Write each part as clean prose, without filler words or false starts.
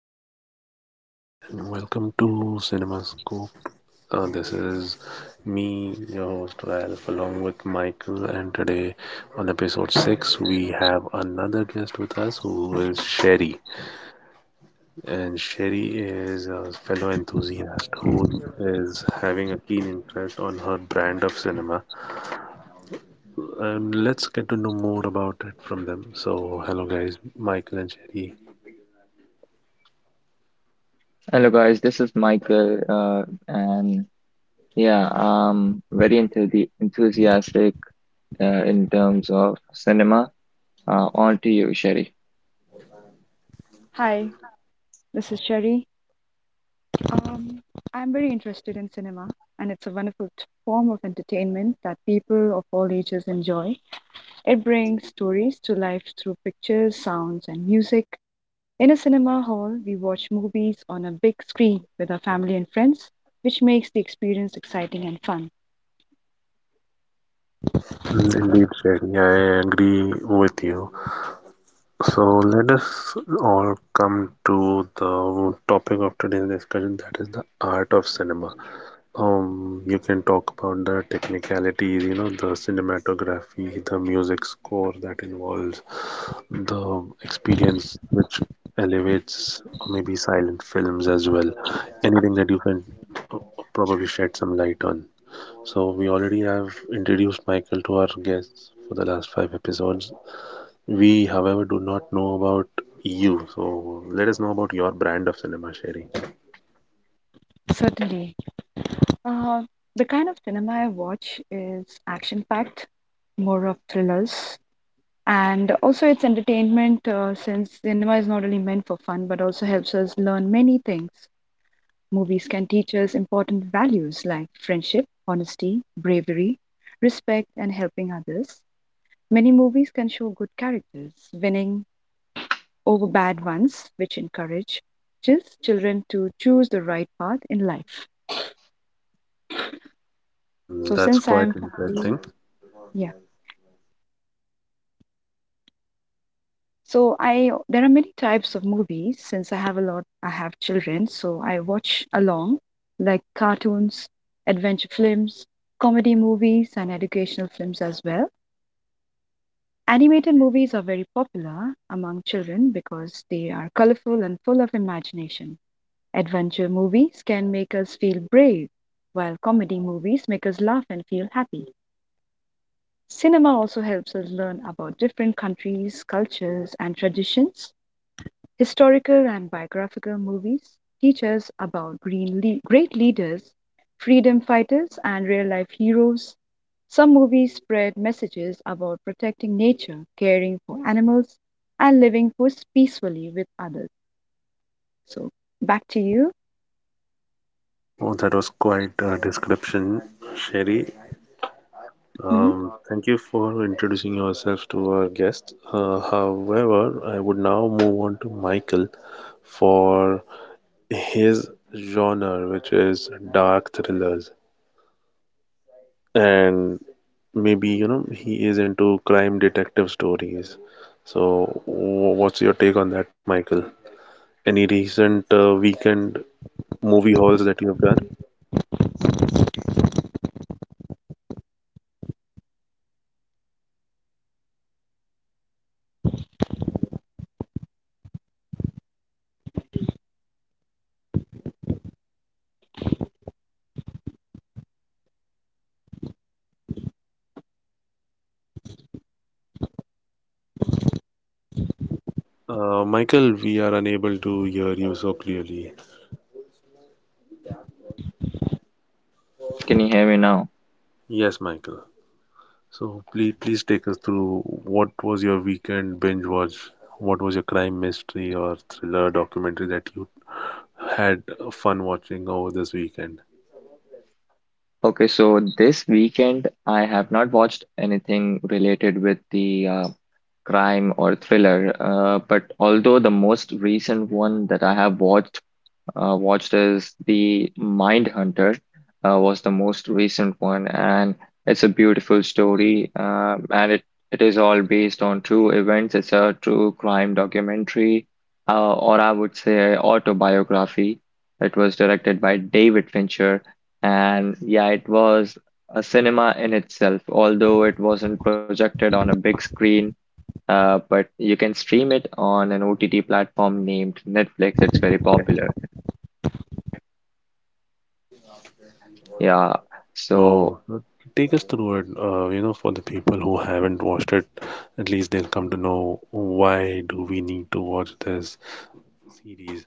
Good morning, and welcome to CinemaScope. This is me, your host Ralph, along with Michael. And today, on episode six, we have another guest with us who is Sherry. And Sherry is a fellow enthusiast who is having a keen interest on her brand of cinema. And let's get to know more about it from them. So, hello, guys, Michael and Sherry. Hello guys, this is Michael, and yeah, I'm very enthusiastic in terms of cinema. On to you, Sherry. Hi, this is Cherry. Um, I'm very interested in cinema, and it's a wonderful form of entertainment that people of all ages enjoy. It brings stories to life through pictures, sounds, and music. In a cinema hall, we watch movies on a big screen with our family and friends, which makes the experience exciting and fun. Mm, indeed, Shani, I agree with you. So let us all come to the topic of today's discussion, that is the art of cinema. You can talk about the technicalities, you know, the cinematography, the music score that involves the experience which elevates, or maybe silent films as well. Anything that you can uh, probably shed some light on. So we already have introduced Michael to our guests for the last five episodes. We, however, do not know about you. So let us know about your brand of cinema, Sherry. Certainly. Uh, the kind of cinema I watch is action-packed, more of thrillers. And also, it's entertainment, since cinema is not only meant for fun but also helps us learn many things. Movies can teach us important values like friendship, honesty, bravery, respect, and helping others. Many movies can show good characters winning over bad ones, which encourages children to choose the right path in life. Mm, So, that's since quite I'm interesting. family, yeah. So I there are many types of movies. Since I have children, so I watch along like cartoons, adventure films, comedy movies, and educational films as well. Animated movies are very popular among children because they are colorful and full of imagination. Adventure movies can make us feel brave, while comedy movies make us laugh and feel happy. Cinema also helps us learn about different countries, cultures, and traditions. Historical and biographical movies teach us about great leaders, freedom fighters, and real life heroes. Some movies spread messages about protecting nature, caring for animals, and living peacefully with others. So, back to you. Oh, that was quite a description, Sherry. hmm Thank you for introducing yourself to our guest. However, I would now move on to Michael for his genre, which is dark thrillers. And maybe, you know, he is into crime detective stories. So what's your take on that, Michael? Any recent weekend movie hauls that you have done? Michael, we are unable to hear you so clearly. Can you hear me now? Yes, Michael, so please take us through, what was your weekend binge watch? What was your crime mystery or thriller documentary that you had fun watching over this weekend? Okay, so this weekend I have not watched anything related with the crime or thriller, but although the most recent one that I have watched is the Mindhunter, was the most recent one, and it's a beautiful story, and it is all based on true events. It's a true crime documentary, or I would say autobiography. It was directed by David Fincher, and yeah, it was a cinema in itself, although it wasn't projected on a big screen. But you can stream it on an OTT platform named Netflix. It's very popular. Yeah. So No, no, take us through it. You know, for the people who haven't watched it, at least they'll come to know why do we need to watch this series.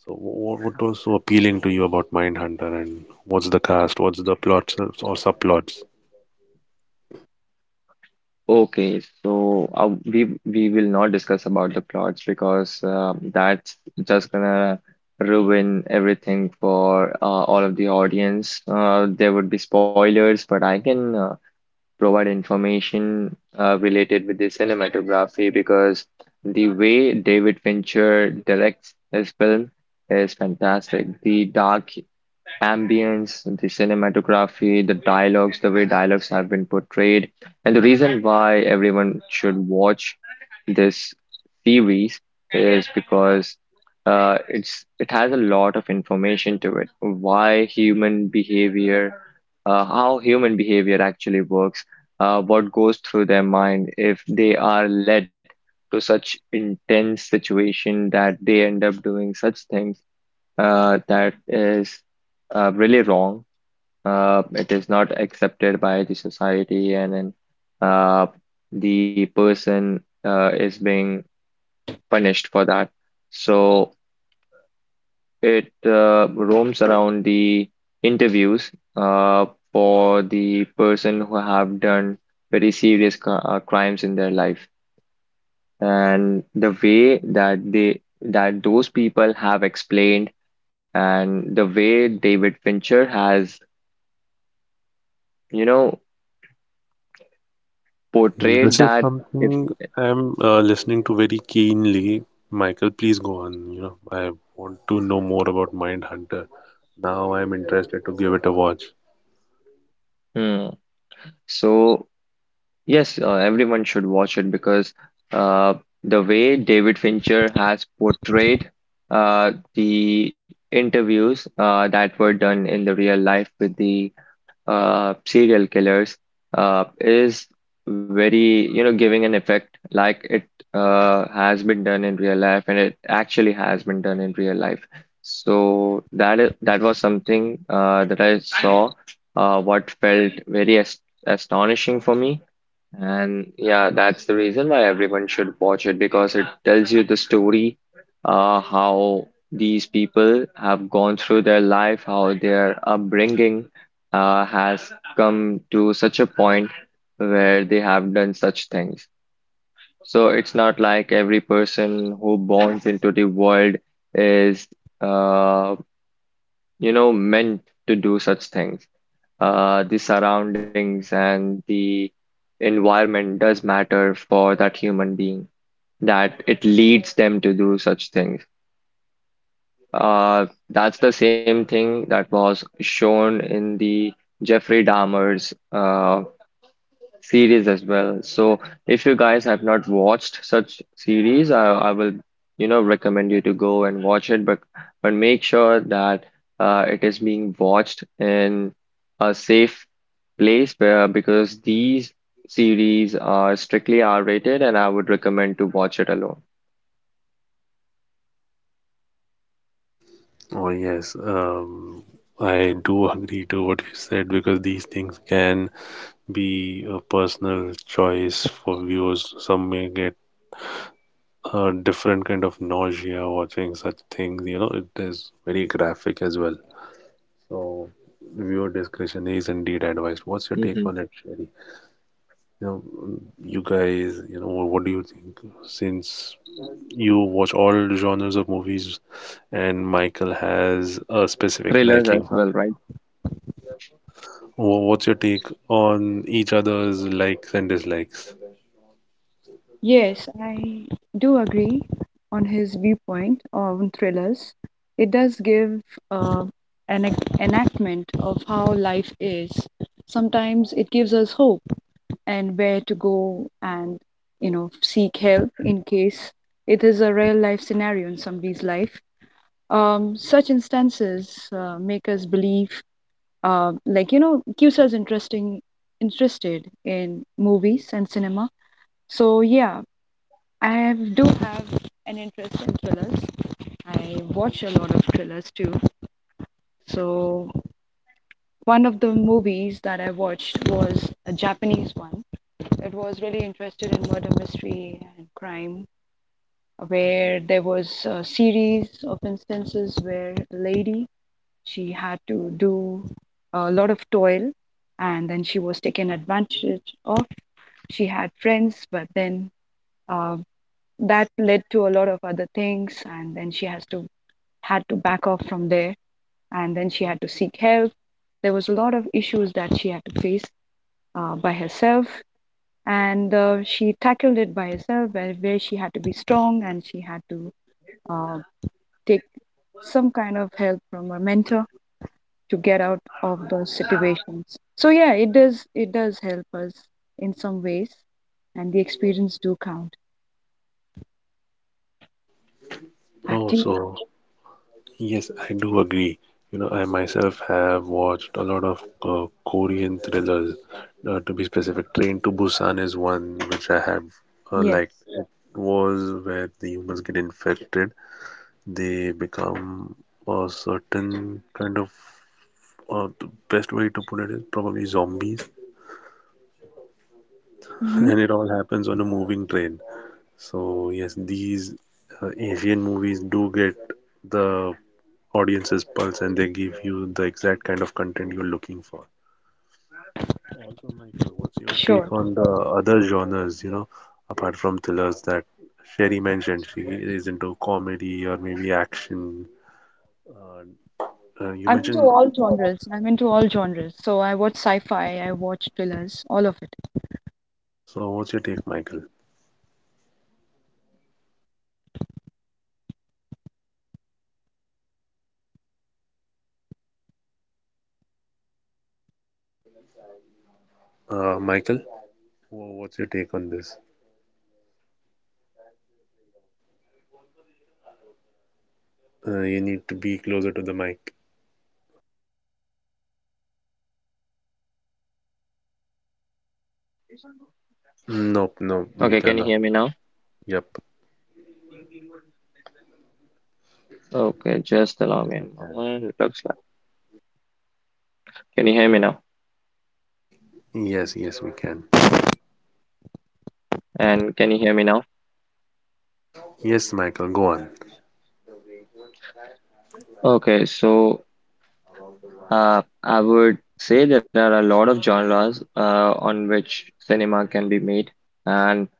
So, what was so appealing to you about Mindhunter, and what's the cast, what's the plots or subplots? okay. So we will not discuss about the plots because that's just gonna ruin everything for all of the audience. There would be spoilers, but I can provide information related with the cinematography because the way David Fincher directs his film is fantastic. The dark ambience, the cinematography, the dialogues, the way dialogues have been portrayed. And the reason why everyone should watch this series is because it has a lot of information to it. Why human behavior, how human behavior actually works, what goes through their mind if they are led to such intense situation that they end up doing such things. That is really wrong. It is not accepted by the society, and then uh, the person is being punished for that. So it roams around the interviews for the person who have done very serious crimes in their life, and the way that those people have explained, and the way David Fincher has, you know, portrayed This is that if, something I'm listening to very keenly. Michael, please go on. You know, I want to know more about Mindhunter. Now I'm interested to give it a watch. hmm. So yes, everyone should watch it because uh, the way David Fincher has portrayed the interviews that were done in the real life with the serial killers is very, you know, giving an effect like it has been done in real life, and it actually has been done in real life. So that was something that I saw, what felt very astonishing for me. And yeah, that's the reason why everyone should watch it because it tells you the story, how these people have gone through their life, how their upbringing, has come to such a point where they have done such things. So it's not like every person who borns into the world is, uh, you know, meant to do such things. Uh, the surroundings and the environment does matter for that human being, that it leads them to do such things. That's the same thing that was shown in the Jeffrey Dahmer's series as well. So if you guys have not watched such series, I will, you know, recommend you to go and watch it, but make sure that it is being watched in a safe place where, because these series are strictly R-rated and I would recommend to watch it alone. Oh, yes. I do agree to what you said because these things can be a personal choice for viewers. Some may get a different kind of nausea watching such things. You know, it is very graphic as well. So, viewer discretion is indeed advised. What's your take Hmm. on it, Sherry? You know, you guys, you know, what do you think? Since you watch all genres of movies, and Michael has a specific Thrillers liking. as well, right? What's your take on each other's likes and dislikes? Yes, I do agree on his viewpoint on thrillers. It does give uh, an enactment of how life is. Sometimes it gives us hope and where to go and you know seek help in case it is a real life scenario in somebody's life. Such instances make us believe like you know keeps us interesting interested in movies and cinema. So yeah, do have an interest in thrillers. I watch a lot of thrillers too. So one of the movies that I watched was a Japanese one. It was really interested in murder mystery and crime, where there was a series of instances where a lady, she had to do a lot of toil, and then she was taken advantage of. She had friends, but then, uh, that led to a lot of other things, and then she has to had to back off from there, and then she had to seek help. There was a lot of issues that she had to face by herself, and she tackled it by herself, where she had to be strong, and she had to uh, take some kind of help from a mentor to get out of those situations. So yeah, it does help us in some ways, and the experience do count. Back Oh, to you. so yes, I do agree. You know, I myself have watched a lot of Korean thrillers. To be specific, Train to Busan is one which I have Yes. liked. Was where the humans get infected, they become a certain kind of. The best way to put it is probably zombies, Mm-hmm. and it all happens on a moving train. So yes, these Asian movies do get the audience's pulse, and they give you the exact kind of content you're looking for. Also, Michael, what's your take Sure. on the other genres? You know, apart from thrillers that Sherry mentioned, she is into comedy or maybe action. Uh, you I'm into mentioned. all genres. I'm into all genres. So I watch sci-fi, I watch thrillers, all of it. So, what's your take, Michael? Michael, what's your take on this? You need to be closer to the mic. Nope, no, Okay, Mika, can you no. hear me now? Yep. Okay, just allow Yes, me a we can. moment. It looks like. Can you hear me now? Yes, yes, we can. And can you hear me now? Yes, Michael, go on. Okay, so I would say there are a lot of genres on which cinema can be made, and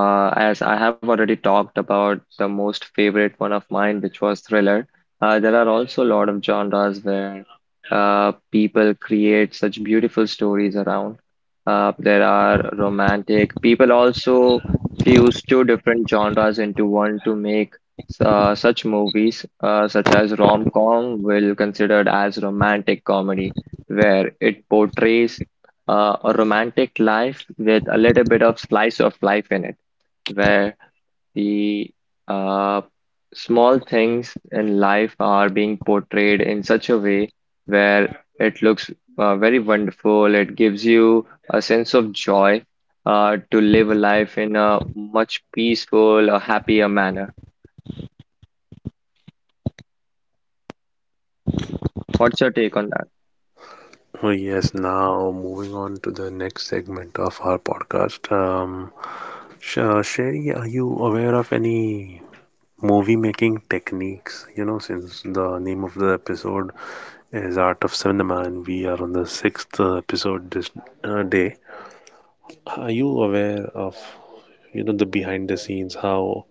as I have already talked about the most favorite one of mine, which was thriller, there are also a lot of genres where people create such beautiful stories around. There are romantic. People also fuse two different genres into one to make such movies, such as rom-com, will considered as romantic comedy, where it portrays a romantic life with a little bit of slice of life in it where the uh, small things in life are being portrayed in such a way where it looks very wonderful. It gives you a sense of joy to live a life in a much peaceful, a happier manner. What's your take on that? Oh, yes, now moving on to the next segment of our podcast. Sherry, are you aware of any movie making techniques? You know, since the name of the episode is Art of Cinema and we are on the sixth episode this day, are you aware of, you know, the behind the scenes, how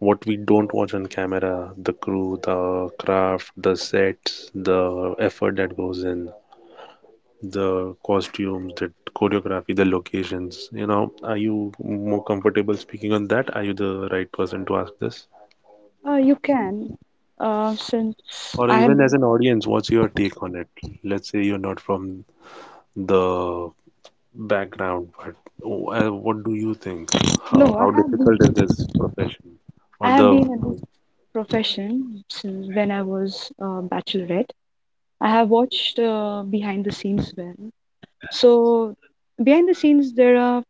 what we don't watch on camera, the crew, the craft, the sets, the effort that goes in, the costumes, the choreography, the locations, you know, are you more comfortable speaking on that? Are you the right person to ask this? You can. Since Or I have even as been an audience, what's your take on it? Let's say you're not from the background, but what do you think? How, No, I how have been. difficult is this profession? I Or have been the in this profession since when I was a bachelorette. I have watched behind the scenes well. So behind the scenes, there are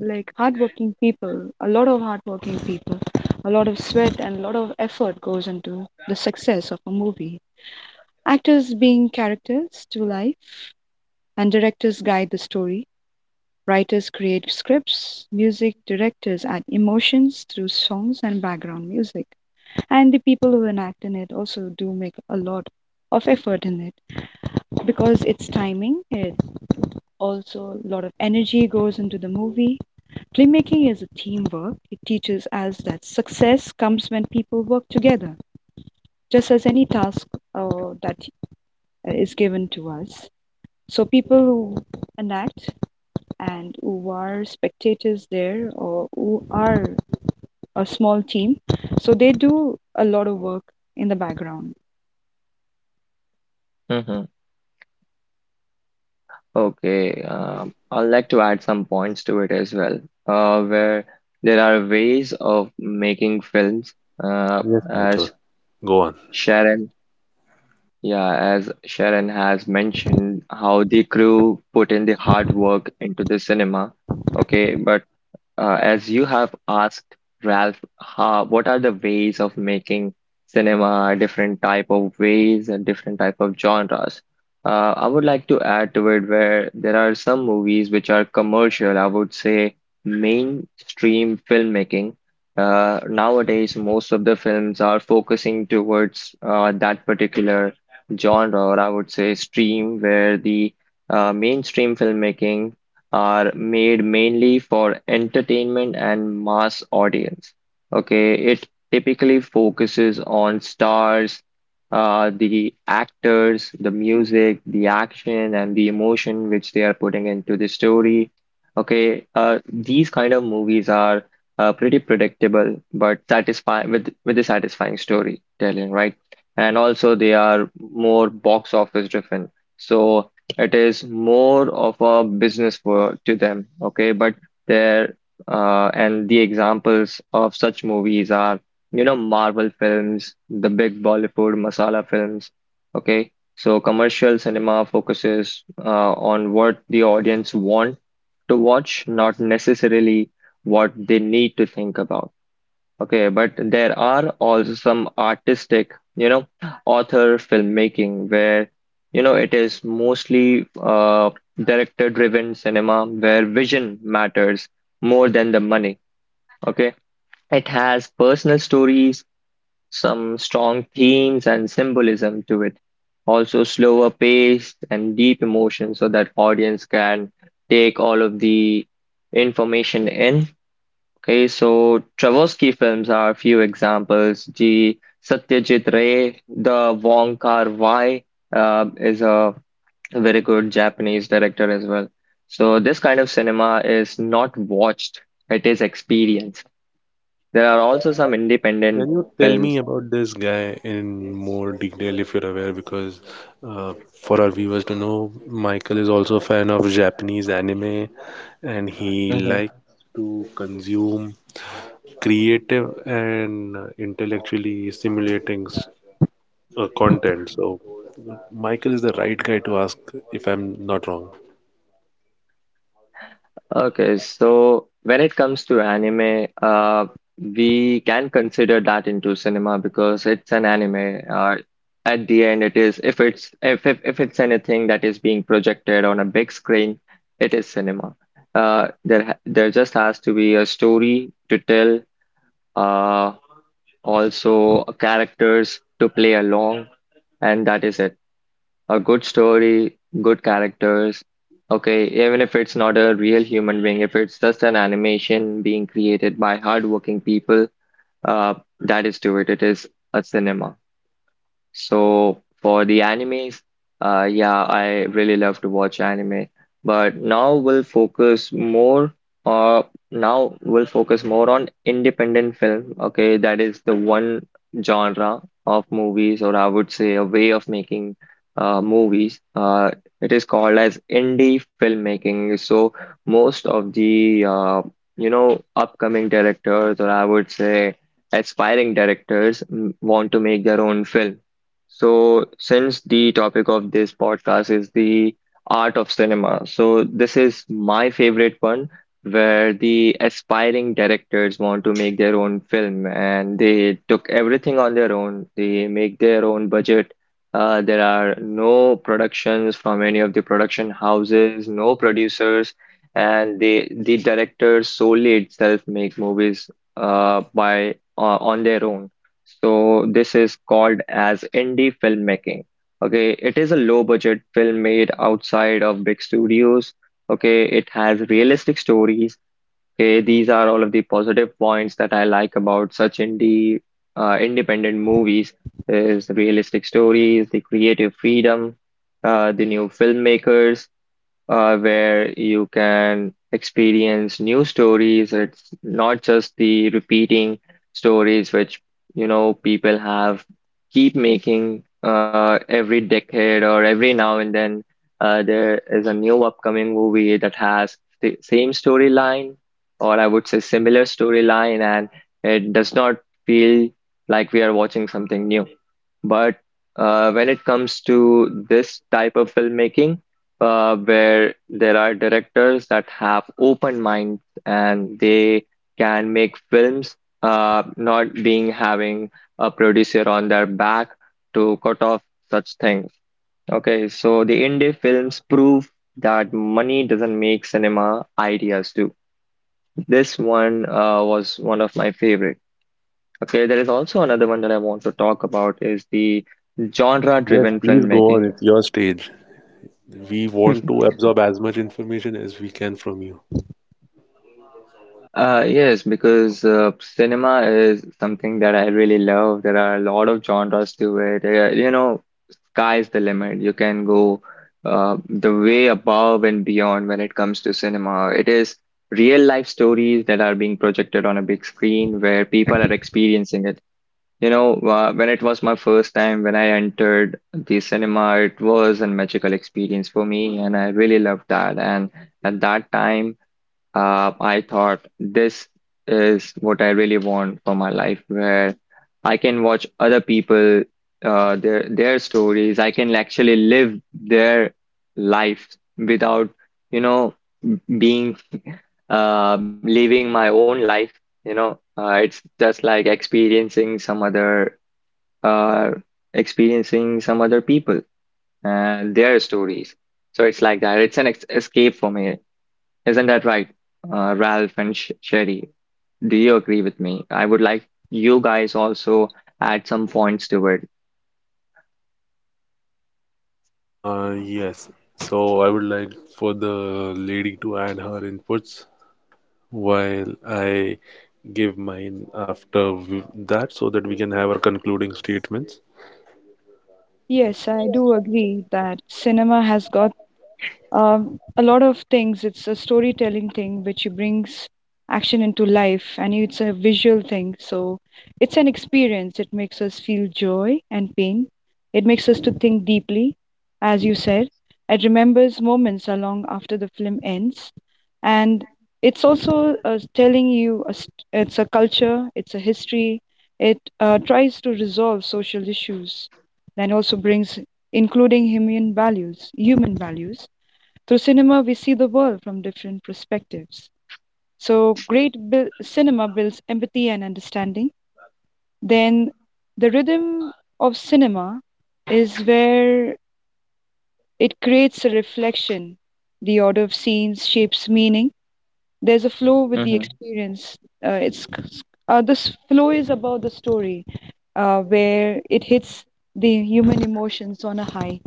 like hardworking people, a lot of hardworking people, a lot of sweat and a lot of effort goes into the success of a movie. Actors being characters to life, and directors guide the story. Writers create scripts, music directors add emotions through songs and background music. And the people who enact in it also do make a lot of effort in it, because it's timing, it's... Also, a lot of energy goes into the movie. Filmmaking is a teamwork. It teaches us that success comes when people work together, just as any task that is given to us. So, people who enact and who are spectators there, or who are a small team, so they do a lot of work in the background. Mm-hmm. Okay, I'd like to add some points to it as well, where there are ways of making films, uh, yes, Michael, as go on. Sharon Yeah, as Sharon has mentioned, how the crew put in the hard work into the cinema. Okay, but as you have asked, Ralph, how, what are the ways of making cinema, different type of ways and different type of genres? I would like to add to it where there are some movies which are commercial, I would say mainstream filmmaking. Nowadays, most of the films are focusing towards that particular genre, or I would say stream, where the mainstream filmmaking are made mainly for entertainment and mass audience. Okay, it typically focuses on stars, the actors, the music, the action, and the emotion which they are putting into the story. Okay, these kind of movies are pretty predictable, but satisfying with a satisfying storytelling, right? And also they are more box office driven. So it is more of a business for to them, okay? But there, and the examples of such movies are, you know, Marvel films, the big Bollywood masala films, okay? So commercial cinema focuses on what the audience want to watch, not necessarily what they need to think about. Okay, but there are also some artistic, you know, author filmmaking where, you know, it is mostly director-driven cinema where vision matters more than the money. Okay, it has personal stories, some strong themes and symbolism to it. Also slower pace and deep emotion so that audience can take all of the information in. Okay, so Tversky films are a few examples. The Satyajit Ray, the Wong Kar-wai is a very good Japanese director as well. So this kind of cinema is not watched, it is experienced. There are also some Can independent you tell me films. about this guy in more detail if you're aware? Because uh, for our viewers to know, Michael is also a fan of Japanese anime and he likes to consume creative and intellectually stimulating content. So Michael is the right guy to ask if I'm not wrong. Okay, so when it comes to anime, we can consider that into cinema because it's an anime. At the end, it is if it's anything that is being projected on a big screen, it is cinema. There just has to be a story to tell, uh, also characters to play along, and that is it. A good story, good characters. Okay, even if it's not a real human being, if it's just an animation being created by hardworking people, uh, that is to it. It is a cinema. So for the anime, yeah, I really love to watch anime. But now we'll focus more. Uh, now we'll focus more on independent film. Okay, that is the one genre of movies, or I would say a way of making movies. It is called as indie filmmaking. So most of the you know upcoming directors, or I would say aspiring directors, want to make their own film. So, since the topic of this podcast is the art of cinema, so this is my favorite one where the aspiring directors want to make their own film and they took everything on their own. They make their own budget. There are no productions from any of the production houses, no producers, and the directors solely itself make movies by on their own. So this is called as indie filmmaking. Okay, it is a low budget film made outside of big studios. Okay, it has realistic stories. Okay, these are all of the positive points that I like about such indie independent movies is the realistic stories, the creative freedom, the new filmmakers, where you can experience new stories. It's not just the repeating stories which you know people have keep making every decade or every now and then. There is a new upcoming movie that has the same storyline, or I would say similar storyline, and it does not feel like we are watching something new. But when it comes to this type of filmmaking, where there are directors that have open minds and they can make films, not being having a producer on their back to cut off such things. Okay, so the indie films prove that money doesn't make cinema, ideas do. This one was one of my favorite. Okay, there is also another one that I want to talk about is the Yes, genre-driven please go on. filmmaking. It's your stage. We want to absorb as much information as we can from you. Yes, because cinema is something that I really love. There are a lot of genres to it. You know, sky's the limit. You can go the way above and beyond when it comes to cinema. It is real life stories that are being projected on a big screen where people are experiencing it. When it was my first time when I entered the cinema, it was a magical experience for me, and I really loved that. And at that time, I thought this is what I really want for my life, where I can watch other people, their stories. I can actually live their life without, you know, being living my own life. It's just like experiencing some other are experiencing some other people and their stories. So it's like that. It's an ex escape for me. Isn't that right, Ralph and Sh Sherry? Do you agree with me? I would like you guys also add some points to it. Yes. So I would like for the lady to add her inputs while I give mine after that, so that we can have our concluding statements. Yes, I do agree that cinema has got a lot of things. It's a storytelling thing which brings action into life, and it's a visual thing. So it's an experience. It makes us feel joy and pain. It makes us to think deeply, as you said. It remembers moments along after the film ends, and it's also, telling you a it's a culture, it's a history. It tries to resolve social issues, and also brings including human values. Through cinema, we see the world from different perspectives. So, cinema builds empathy and understanding. Then, the rhythm of cinema is where it creates a reflection. The order of scenes shapes meaning. There's a flow with the hmm experience. It's This flow is about the story, where it hits the human emotions on a high.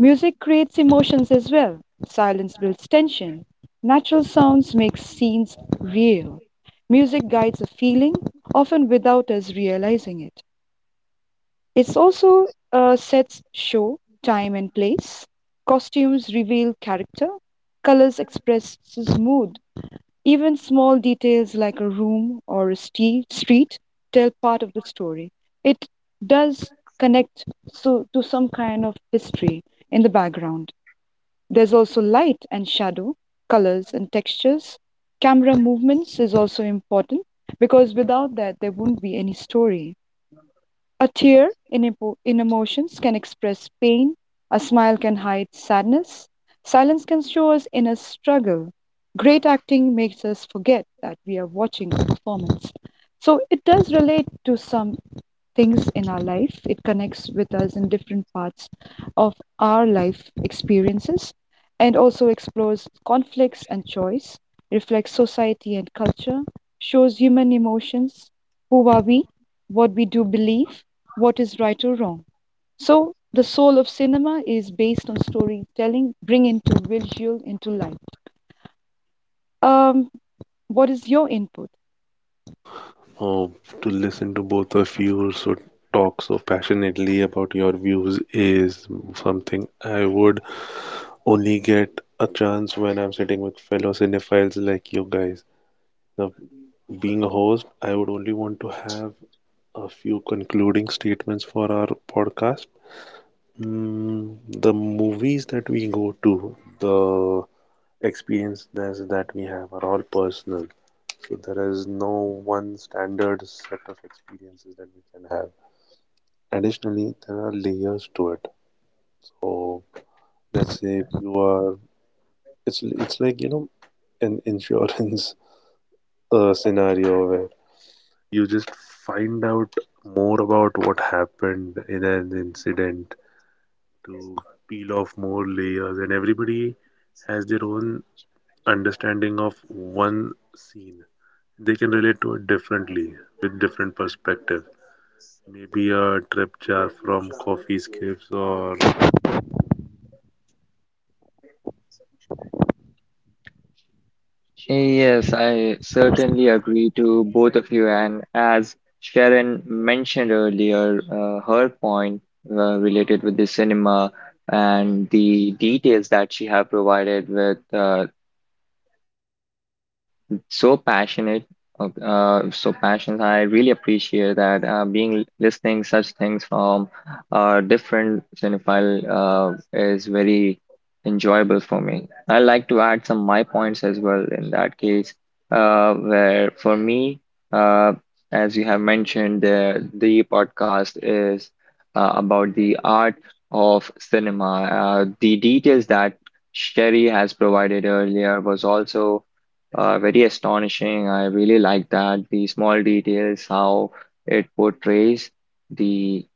Music creates emotions as well. Silence builds tension. Natural sounds make scenes real. Music guides a feeling, often without us realizing it. It also sets show, time, and place. Costumes reveal character. Colors express mood. Even small details like a room or a street tell part of the story. It does connect so, to some kind of history in the background. There's also light and shadow, colors and textures. Camera movements is also important, because without that, there wouldn't be any story. A tear in, in emotions can express pain, a smile can hide sadness, silence can show us inner struggle. Great acting makes us forget that we are watching a performance. So it does relate to some things in our life. It connects with us in different parts of our life experiences, and also explores conflicts and choice, reflects society and culture, shows human emotions, who are we, what we do believe, what is right or wrong. So, the soul of cinema is based on storytelling, bring into visual into life. Um, what is your input? Oh, to listen to both of you so talk so passionately about your views is something I would only get a chance when I'm sitting with fellow cinephiles like you guys. Now, being a host, I would only want to have a few concluding statements for our podcast. Mm, the movies that we go to, the experiences that we have are all personal. So there is no one standard set of experiences that we can have. Additionally, there are layers to it. So let's say you are, it's like, you know, an insurance scenario where you just find out more about what happened in an incident to peel off more layers, and everybody has their own understanding of one scene. They can relate to it differently with different perspective. Maybe a drip jar from coffee scrapes or. Yes, I certainly agree to both of you. And as Sharon mentioned earlier, her point related with the cinema and the details that she have provided with so passionate so passionate, I really appreciate that, being listening such things from different cinephile is very enjoyable for me. I like to add some my points as well in that case, where for me, uh, as you have mentioned, the podcast is about the art of cinema. The details that Sherry has provided earlier was also very astonishing. I really like that. The small details, how it portrays the,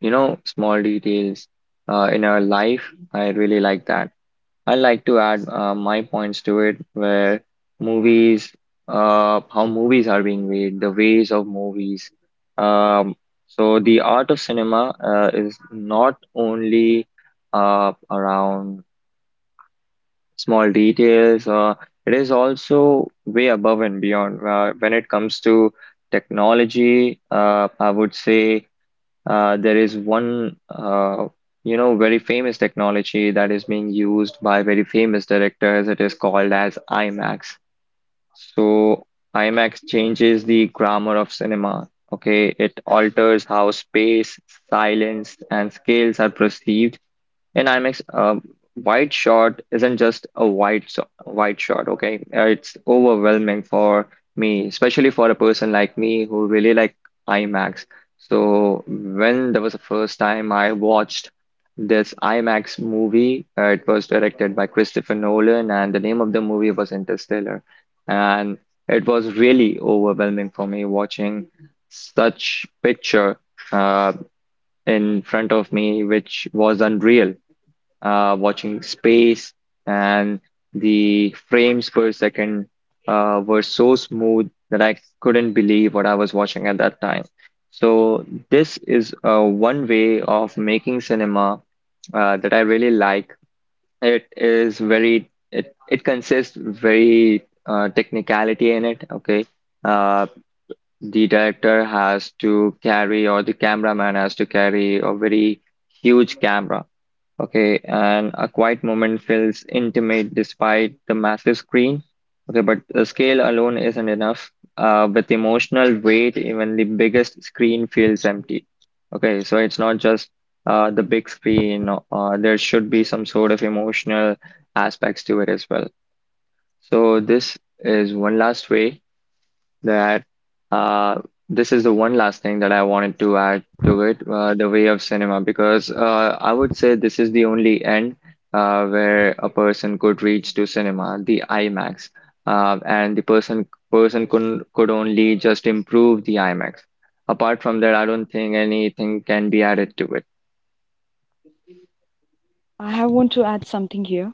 small details in our life. I really like that. I like to add my points to it, where movies, how movies are being made, the ways of movies. Um, so the art of cinema is not only around small details. It is also way above and beyond. When it comes to technology, I would say there is one, very famous technology that is being used by very famous directors. It is called as IMAX. So IMAX changes the grammar of cinema. Okay, it alters how space, silence, and scales are perceived in IMAX. A wide shot isn't just a wide shot, okay? It's overwhelming for me, especially for a person like me who really like IMAX. So when there was the first time I watched this IMAX movie, it was directed by Christopher Nolan, and the name of the movie was Interstellar, and it was really overwhelming for me watching such picture uh, in front of me, which was unreal, watching space, and the frames per second were so smooth that I couldn't believe what I was watching at that time. So this is one way of making cinema that I really like. It consists very technicality in it. Okay, uh, the director has to carry or the cameraman has to carry a very huge camera. Okay, and a quiet moment feels intimate despite the massive screen. Okay, but the scale alone isn't enough. With emotional weight, even the biggest screen feels empty. Okay, so it's not just the big screen, there should be some sort of emotional aspects to it as well. So, this is one last way that uh, this is the one last thing that I wanted to add to it, the way of cinema, because I would say this is the only end where a person could reach to cinema, the IMAX, and the person could only just improve the IMAX. Apart from that, I don't think anything can be added to it. I want to add something here.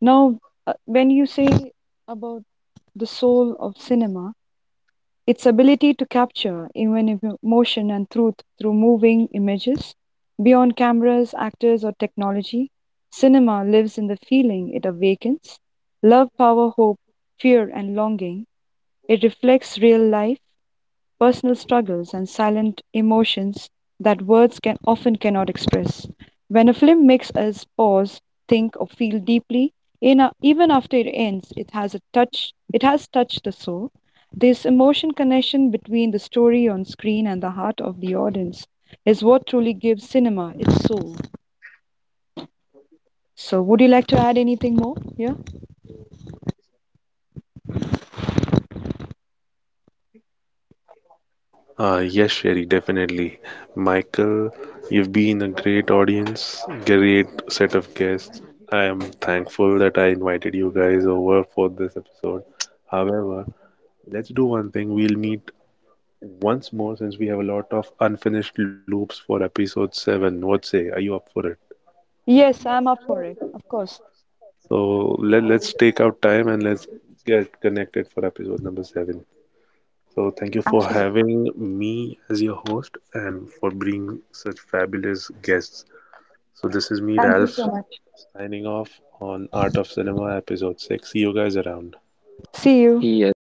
Now, when you say about the soul of cinema, its ability to capture even emotion and truth through moving images. Beyond cameras, actors, or technology, cinema lives in the feeling it awakens love, power, hope, fear, and longing. It reflects real life personal struggles and silent emotions that words can often cannot express. When a film makes us pause, think, or feel deeply, in a, even after it ends, it has a touch. It has touched the soul. This emotion connection between the story on screen and the heart of the audience is what truly gives cinema its soul. So, would you like to add anything more? Yeah. Yes, Sherry, definitely. Michael, you've been a great audience, great set of guests. I am thankful that I invited you guys over for this episode. However, let's do one thing. We'll meet once more since we have a lot of unfinished loops for episode 7. What say? Are you up for it? Yes, I'm up for it. Of course. So let's take out time and let's get connected for episode number 7. So thank you for Absolutely. having me as your host and for bringing such fabulous guests. So this is me, Thank you so Ralph, much. signing off on Art of Cinema episode 6. See you guys around. See you. Yes.